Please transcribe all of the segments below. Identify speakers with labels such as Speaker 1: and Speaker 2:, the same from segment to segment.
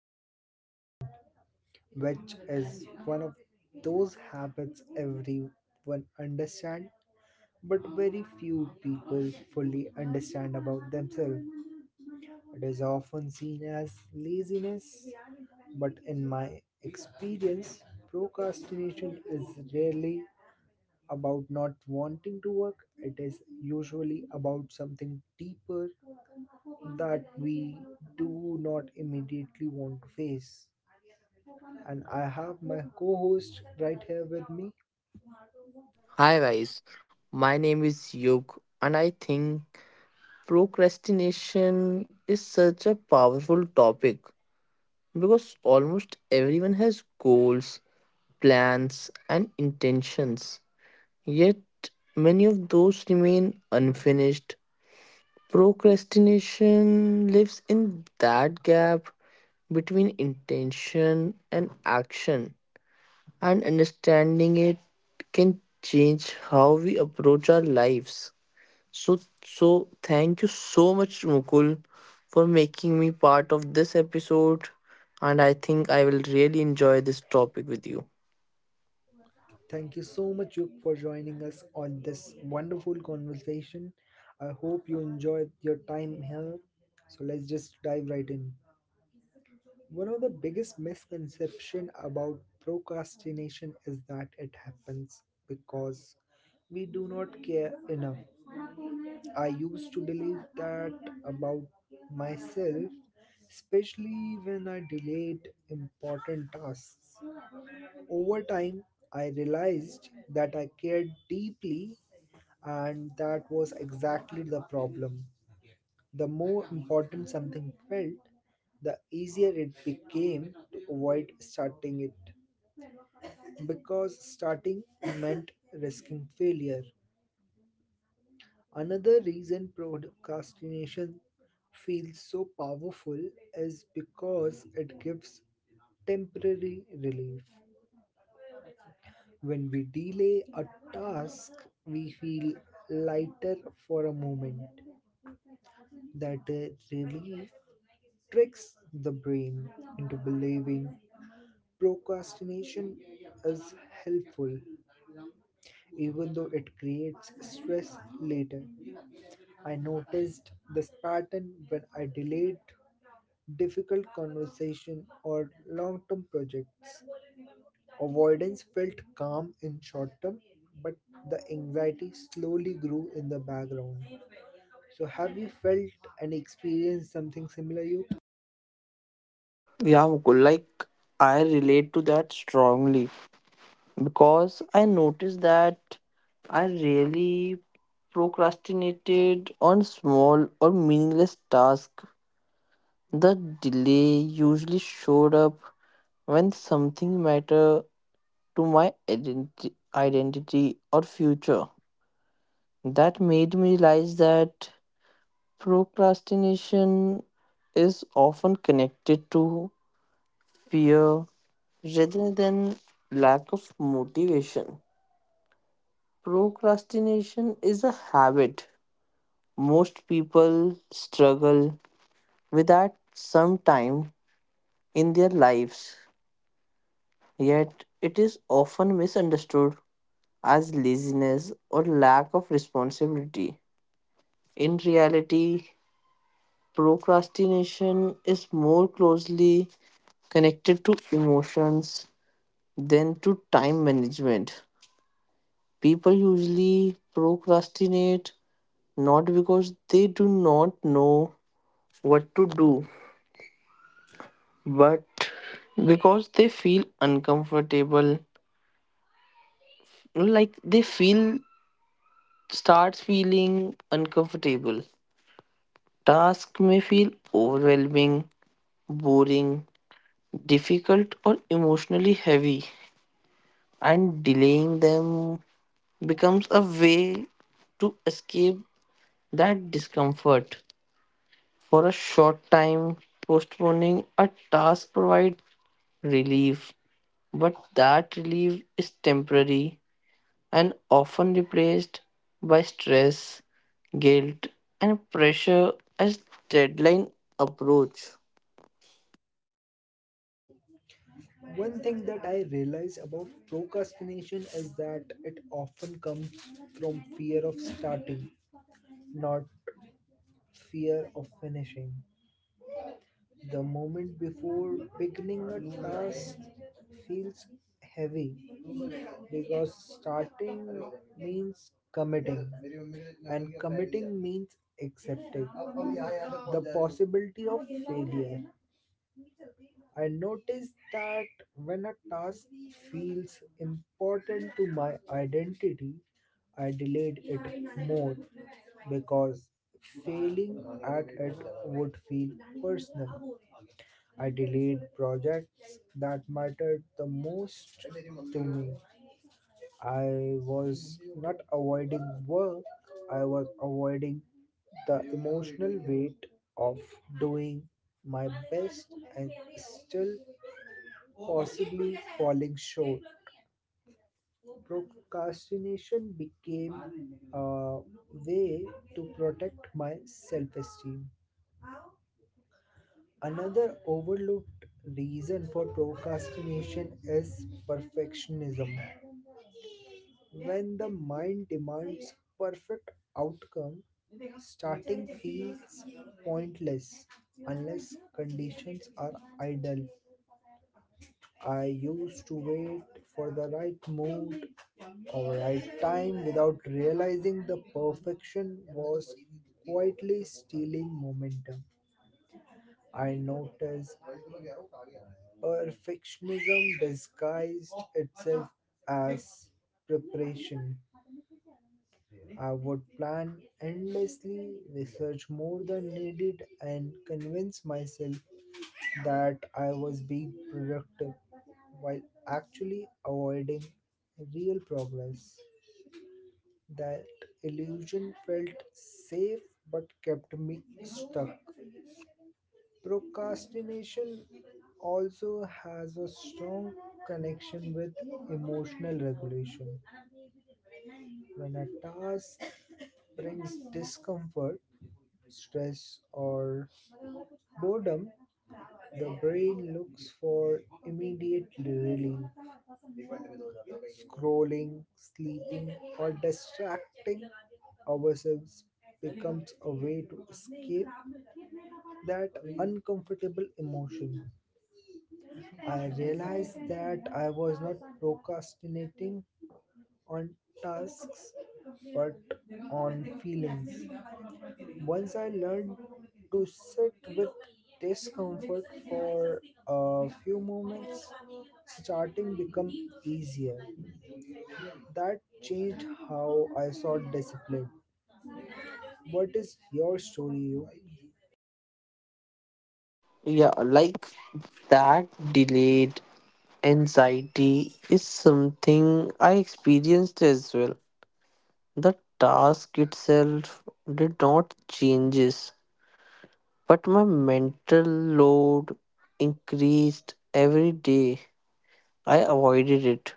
Speaker 1: procrastination, which is one of those habits everyone understand but very few people fully understand about themselves. It is often seen as laziness, but in my experience, procrastination is rarely about not wanting to work, it is usually about something deeper that we do not immediately want to face. And I have my co host right here with me.
Speaker 2: Hi guys, my name is Yug and I think procrastination is such a powerful topic because almost everyone has goals, plans and intentions. Yet many of those remain unfinished. Procrastination lives in that gap between intention and action and understanding it can change how we approach our lives. So, so thank you so much, Mukul, for making me part of this episode. And I think I will really enjoy this topic with you.
Speaker 1: Thank you so much, Yuk, for joining us on this wonderful conversation. I hope you enjoyed your time here. So let's just dive right in. One of the biggest misconception about procrastination is that it happens because we do not care enough. I used to believe that about myself, especially when I delayed important tasks. Over time, I realized that I cared deeply, and that was exactly the problem. The more important something felt, the easier it became to avoid starting it because starting meant risking failure. Another reason procrastination feels so powerful is because it gives temporary relief. When we delay a task, we feel lighter for a moment. That relief tricks the brain into believing procrastination is helpful even though it creates stress later. I noticed this pattern when I delayed difficult conversation or long-term projects. Avoidance felt calm in short term, but the anxiety slowly grew in the background. So have you felt and experienced something similar, you?
Speaker 2: Yeah, Mukul, like I relate to that strongly because I noticed that I really procrastinated on small or meaningless tasks. The delay usually showed up when something mattered to my identity or future. That made me realize that procrastination is often connected to fear rather than lack of motivation. Procrastination is a habit. Most people struggle with that sometime in their lives, yet, it is often misunderstood as laziness or lack of responsibility. In reality, procrastination is more closely connected to emotions than to time management. People usually procrastinate not because they do not know what to do, but because they feel uncomfortable. Like they feel, starts feeling uncomfortable. Task may feel overwhelming, boring, difficult, or emotionally heavy, and delaying them becomes a way to escape that discomfort. For a short time, postponing a task provides relief, but that relief is temporary and often replaced by stress, guilt, and pressure as deadline approach.
Speaker 1: One thing that I realize about procrastination is that it often comes from fear of starting, not fear of finishing. The moment before beginning a task feels heavy because starting means committing, and committing means accepting the possibility of failure. I notice that when a task feels important to my identity, I delayed it more because failing at it would feel personal. I delayed projects that mattered the most to me. I was not avoiding work, I was avoiding the emotional weight of doing my best and still possibly falling short. Procrastination became a way to protect my self esteem. Another overlooked reason for procrastination is perfectionism. When the mind demands perfect outcome, starting feels pointless unless conditions are ideal. I used to wait for the right mood for a right time, without realizing the perfection was quietly stealing momentum. I noticed perfectionism disguised itself as preparation. I would plan endlessly, research more than needed, and convince myself that I was being productive while actually avoiding real progress. That illusion felt safe but kept me stuck. Procrastination also has a strong connection with emotional regulation. When a task brings discomfort, stress, or boredom, the brain looks for immediate relief. Scrolling, sleeping, or distracting ourselves becomes a way to escape that uncomfortable emotion. I realized that I was not procrastinating on tasks but on feelings. Once I learned to sit with discomfort for a few moments, starting become easier. That changed how I saw discipline. What is your story, you?
Speaker 2: Yeah, like that delayed anxiety is something I experienced as well. The task itself did not changes, but my mental load increased every day. I avoided it.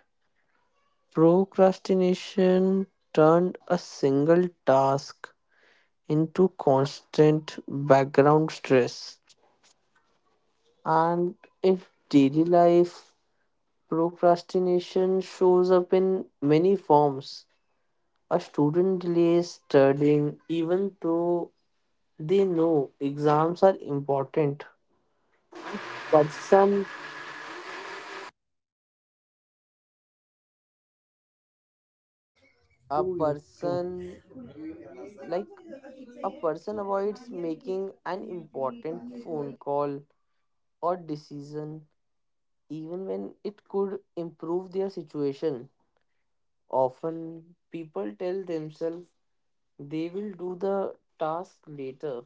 Speaker 2: Procrastination turned a single task into constant background stress. And in daily life, procrastination shows up in many forms. A student delays studying even though they know exams are important. Person, a
Speaker 1: True, you, true,
Speaker 2: person, like a person avoids making an important phone call or decision even when it could improve their situation. Often, people tell themselves they will do the task later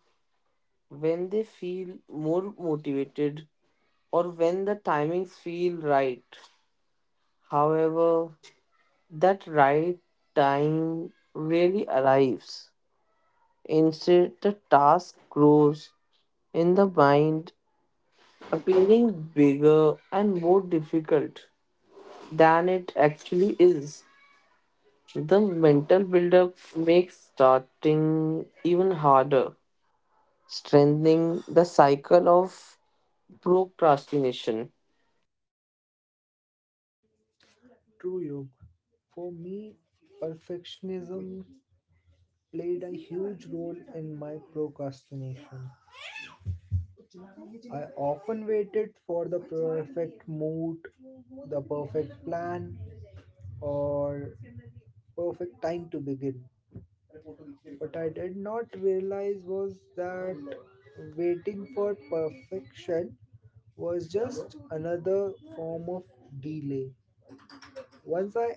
Speaker 2: when they feel more motivated or when the timings feel right. However, that right time really arrives. Instead, the task grows in the mind, appearing bigger and more difficult than it actually is. The mental buildup makes starting even harder, strengthening the cycle of procrastination.
Speaker 1: you. For me, perfectionism played a huge role in my procrastination. I often waited for the perfect mood, the perfect plan, or perfect time to begin. What I did not realize was that waiting for perfection was just another form of delay. Once I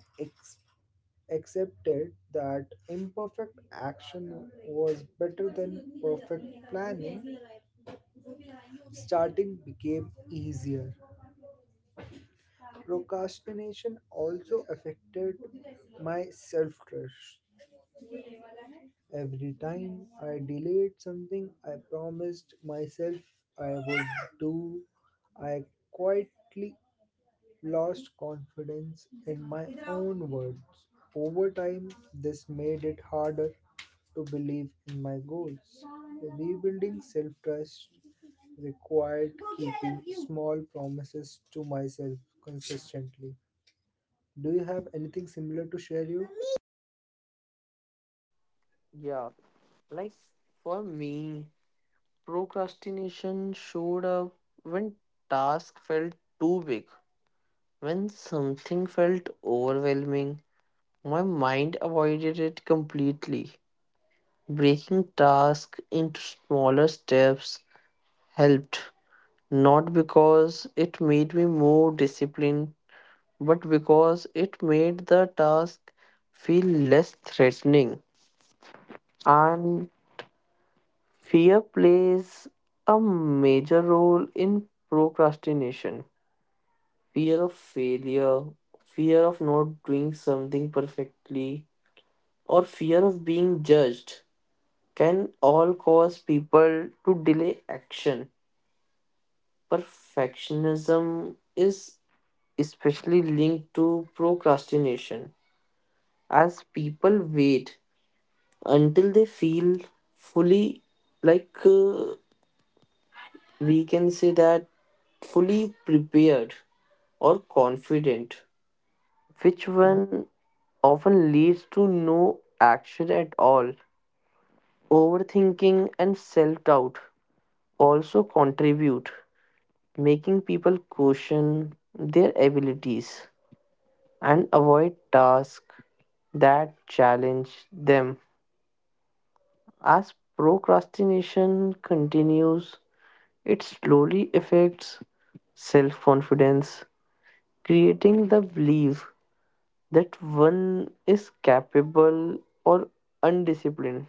Speaker 1: accepted that imperfect action was better than perfect planning, starting became easier. Procrastination also affected my self trust. Every time I delayed something I promised myself I would do, I quietly lost confidence in my own words. Over time, this made it harder to believe in my goals. Rebuilding self trust required keeping small promises to myself consistently. Do you have anything similar to share, you?
Speaker 2: Yeah, like for me, procrastination showed up when task felt too big. When something felt overwhelming, my mind avoided it completely. Breaking tasks into smaller steps helped, not because it made me more disciplined, but because it made the task feel less threatening. And fear plays a major role in procrastination. Fear of failure, fear of not doing something perfectly, or fear of being judged can all cause people to delay action. Perfectionism is especially linked to procrastination, as people wait until they feel fully, like uh, we can say that, fully prepared or confident, which one often leads to no action at all. Overthinking, and self doubt also contribute, making people question their abilities and avoid tasks that challenge them. As procrastination continues, it slowly affects self confidence, creating the belief that one is capable or undisciplined,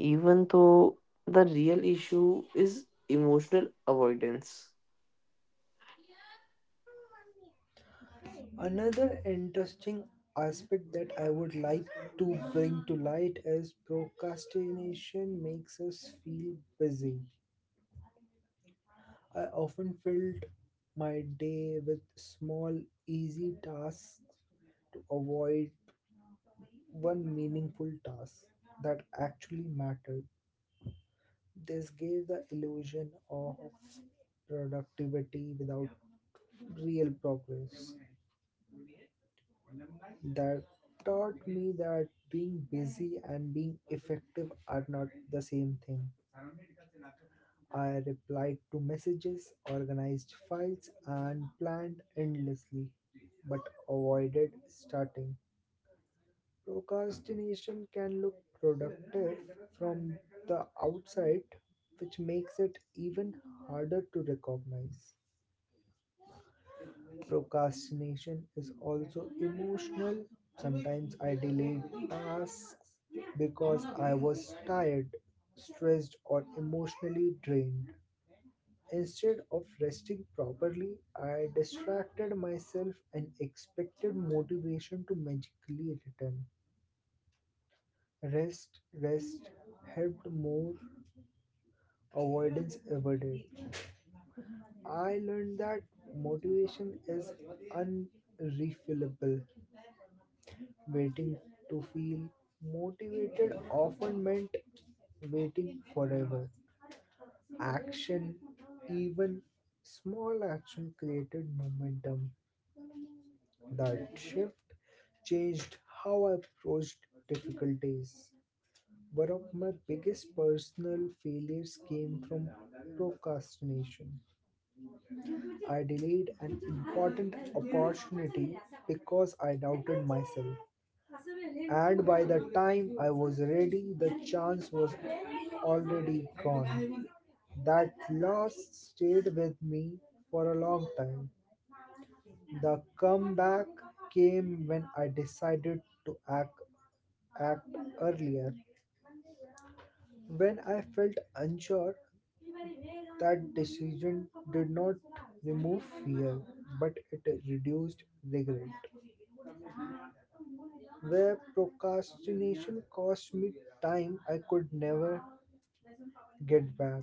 Speaker 2: even though the real issue is emotional avoidance.
Speaker 1: Another interesting aspect that I would like to bring to light is procrastination makes us feel busy. I often filled my day with small, easy tasks to avoid one meaningful task that actually mattered. This gave the illusion of productivity without real progress. That taught me that being busy and being effective are not the same thing. I replied to messages, organized files, and planned endlessly, but avoided starting. Procrastination can look productive from the outside, which makes it even harder to recognize. Procrastination is also emotional. Sometimes I delayed tasks because I was tired, stressed, or emotionally drained. Instead of resting properly, I distracted myself and expected motivation to magically return. Rest helped more avoidance avoided. I learned that motivation is unrefillable. Waiting to feel motivated often meant waiting forever. Action, even small action, created momentum. That shift changed how I approached difficulties. One of my biggest personal failures came from procrastination. I delayed an important opportunity because I doubted myself. And by the time I was ready, the chance was already gone. That loss stayed with me for a long time. The comeback came when I decided to act earlier. When I felt unsure, that decision did not remove fear, but it reduced regret. Where procrastination cost me time I could never get back.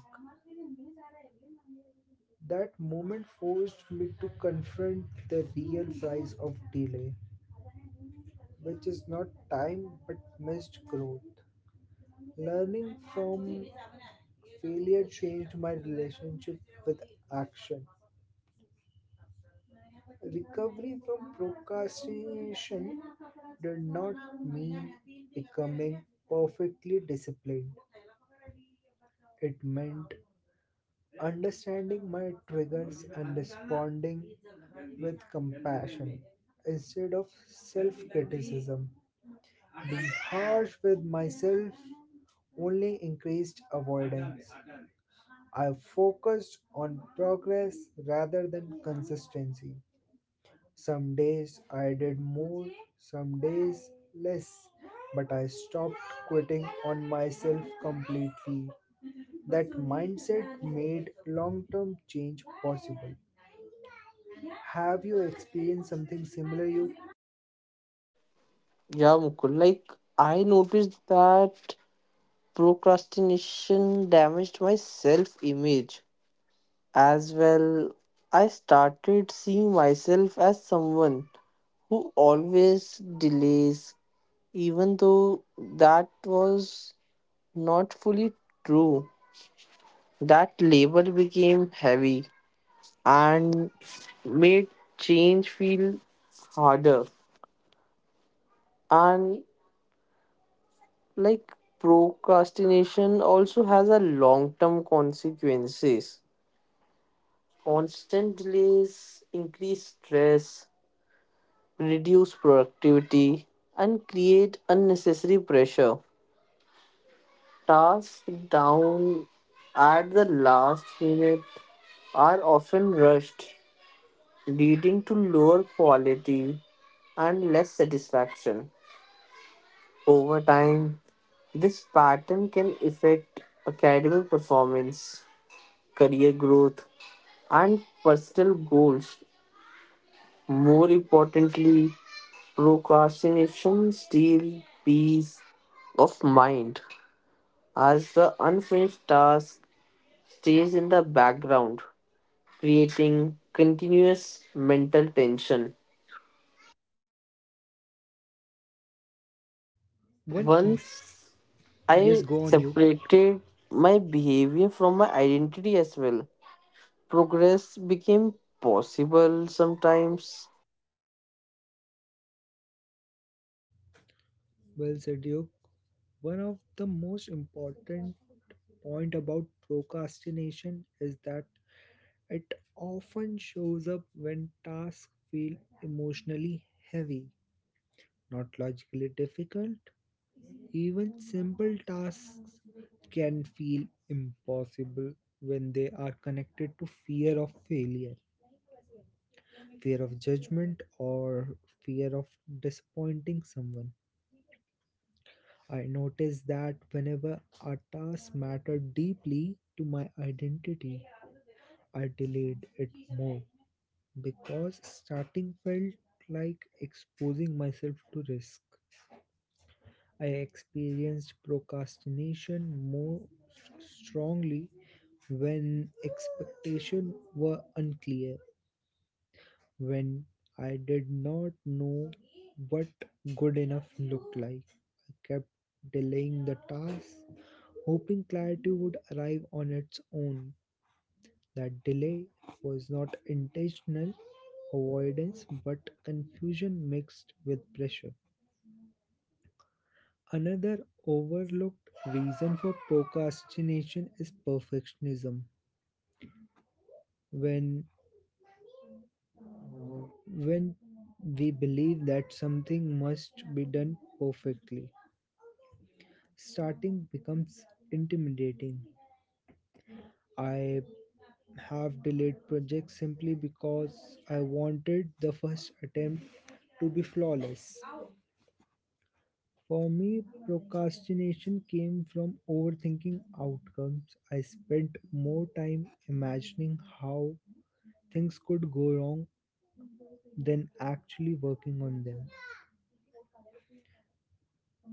Speaker 1: That moment forced me to confront the real price of delay, which is not time but missed growth. Learning from failure changed my relationship with action. Recovery from procrastination did not mean becoming perfectly disciplined. It meant understanding my triggers and responding with compassion instead of self criticism. Being harsh with myself only increased avoidance. I focused on progress rather than consistency. Some days I did more, some days less, but I stopped quitting on myself completely. That mindset made long term change possible. Have you experienced something similar, you?
Speaker 2: Yeah, Mukul. Like I noticed that procrastination damaged my self-image as well. I started seeing myself as someone who always delays, even though that was not fully true. That label became heavy and made change feel harder. And like procrastination also has a long term consequences. Constant delays increase stress, reduce productivity and create unnecessary pressure. Tasks down at the last minute are often rushed, leading to lower quality and less satisfaction. Over time this pattern can affect academic performance, career growth, and personal goals. More importantly, procrastination steals peace of mind as the unfinished task stays in the background, creating continuous mental tension.
Speaker 1: One, im-
Speaker 2: Once
Speaker 1: yes,
Speaker 2: I
Speaker 1: go on, you.
Speaker 2: separated my behavior from my identity as well, progress became possible sometimes.
Speaker 1: Well said, you. One of the most important point about procrastination is that it often shows up when tasks feel emotionally heavy, not logically difficult. Even simple tasks can feel impossible when they are connected to fear of failure, fear of judgment, or fear of disappointing someone. I notice that whenever a task mattered deeply to my identity, I delayed it more, because starting felt like exposing myself to risk. I experienced procrastination more strongly when expectations were unclear, when I did not know what good enough looked like. I kept delaying the task, hoping clarity would arrive on its own. That delay was not intentional avoidance but confusion mixed with pressure. Another overlooked reason for procrastination is perfectionism. When when we believe that something must be done perfectly, starting becomes intimidating. I have delayed projects simply because I wanted the first attempt to be flawless. For me, procrastination came from overthinking outcomes. I spent more time imagining how things could go wrong than actually working on them.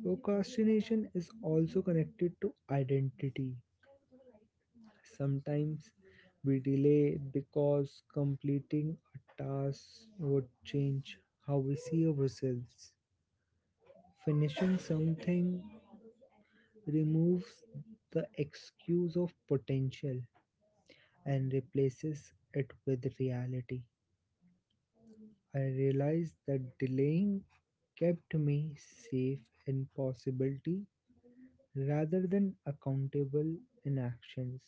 Speaker 1: Procrastination is also connected to identity. Sometimes we delay because completing a task would change how we see ourselves. Finishing something removes the excuse of potential and replaces it with reality. I realized that delaying kept me safe in possibility rather than accountable in actions.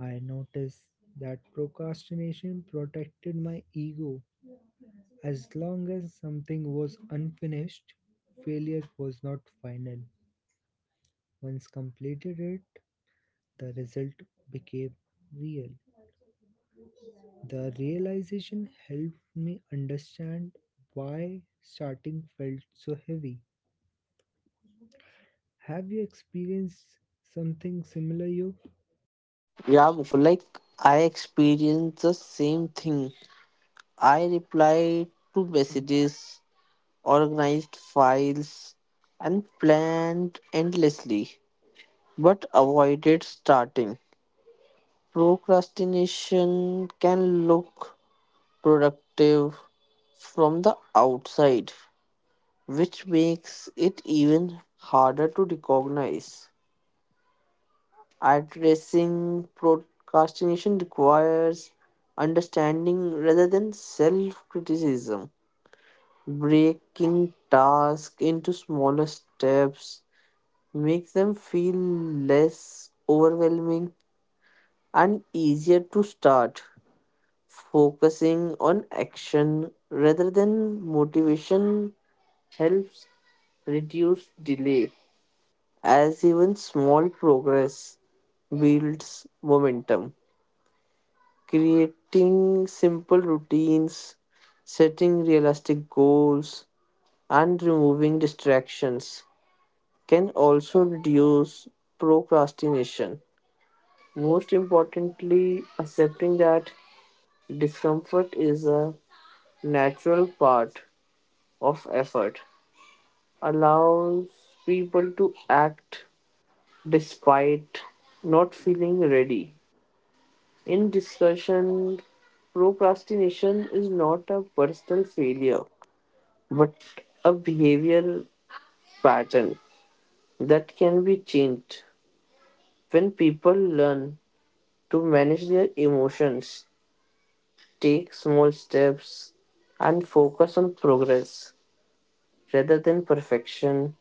Speaker 1: I noticed that procrastination protected my ego. As long as something was unfinished, failure was not final. Once completed it, the result became real. The realization helped me understand why starting felt so heavy. Have you experienced something similar, Yog?
Speaker 2: Yeah, Mukul, like I experienced the same thing. I replied to messages, organized files, and planned endlessly, but avoided starting. Procrastination can look productive from the outside, which makes it even harder to recognize. Addressing procrastination requires understanding rather than self criticism. Breaking tasks into smaller steps makes them feel less overwhelming and easier to start. Focusing on action rather than motivation helps reduce delay, as even small progress builds momentum. Creating simple routines, setting realistic goals, and removing distractions can also reduce procrastination. Most importantly, accepting that discomfort is a natural part of effort allows people to act despite not feeling ready. In discussion, procrastination is not a personal failure, but a behavioral pattern that can be changed when people learn to manage their emotions, take small steps, and focus on progress rather than perfection.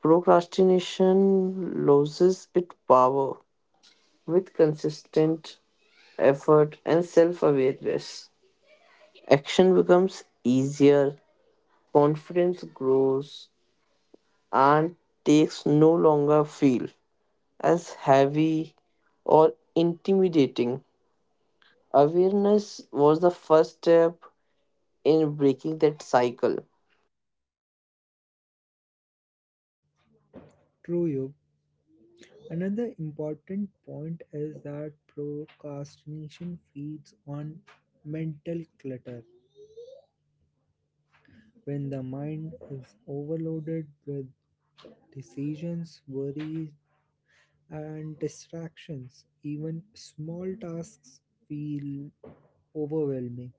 Speaker 2: Procrastination loses its power with consistent effort and self awareness. Action becomes easier, confidence grows, and takes no longer feel as heavy or intimidating. Awareness was the first step in breaking that cycle.
Speaker 1: True, Yog. Another important point is that procrastination feeds on mental clutter. When the mind is overloaded with decisions, worries, and distractions, even small tasks feel overwhelming.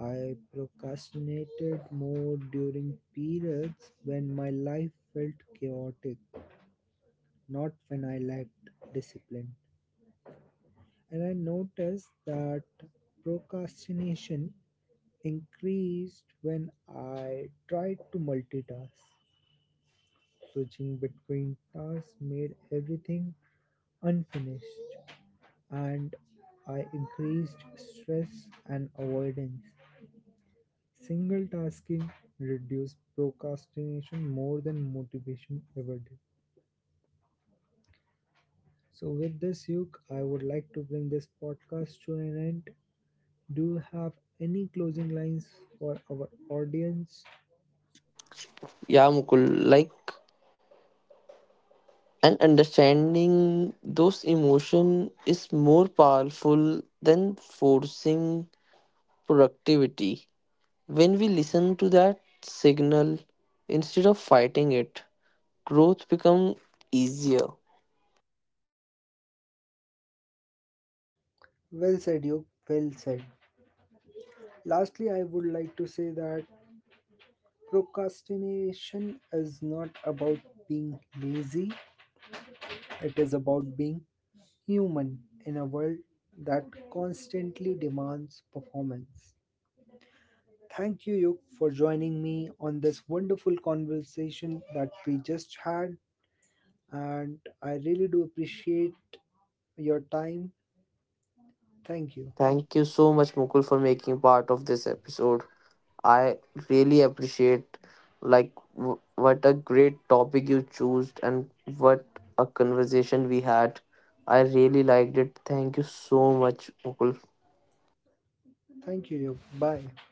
Speaker 1: I procrastinated more during periods when my life felt chaotic, not when I lacked discipline. And I noticed that procrastination increased when I tried to multitask. Switching between tasks made everything unfinished, and I increased stress and avoidance. Single tasking reduced procrastination more than motivation ever did. So, with this, Yuk, I would like to bring this podcast to an end. Do you have any closing lines for our audience?
Speaker 2: Yeah, Mukul, like, and understanding those emotion is more powerful than forcing productivity. When we listen to that signal instead of fighting it, growth becomes easier.
Speaker 1: Well said, you. Well said. Lastly, I would like to say that procrastination is not about being lazy, it is about being human in a world that constantly demands performance. Thank you, Yuk, for joining me on this wonderful conversation that we just had. And I really do appreciate your time. Thank you.
Speaker 2: Thank you so much, Mukul, for making part of this episode. I really appreciate like what a great topic you chose and what a conversation we had. I really liked it. Thank you so much, Mukul.
Speaker 1: Thank you, Yuk. Bye.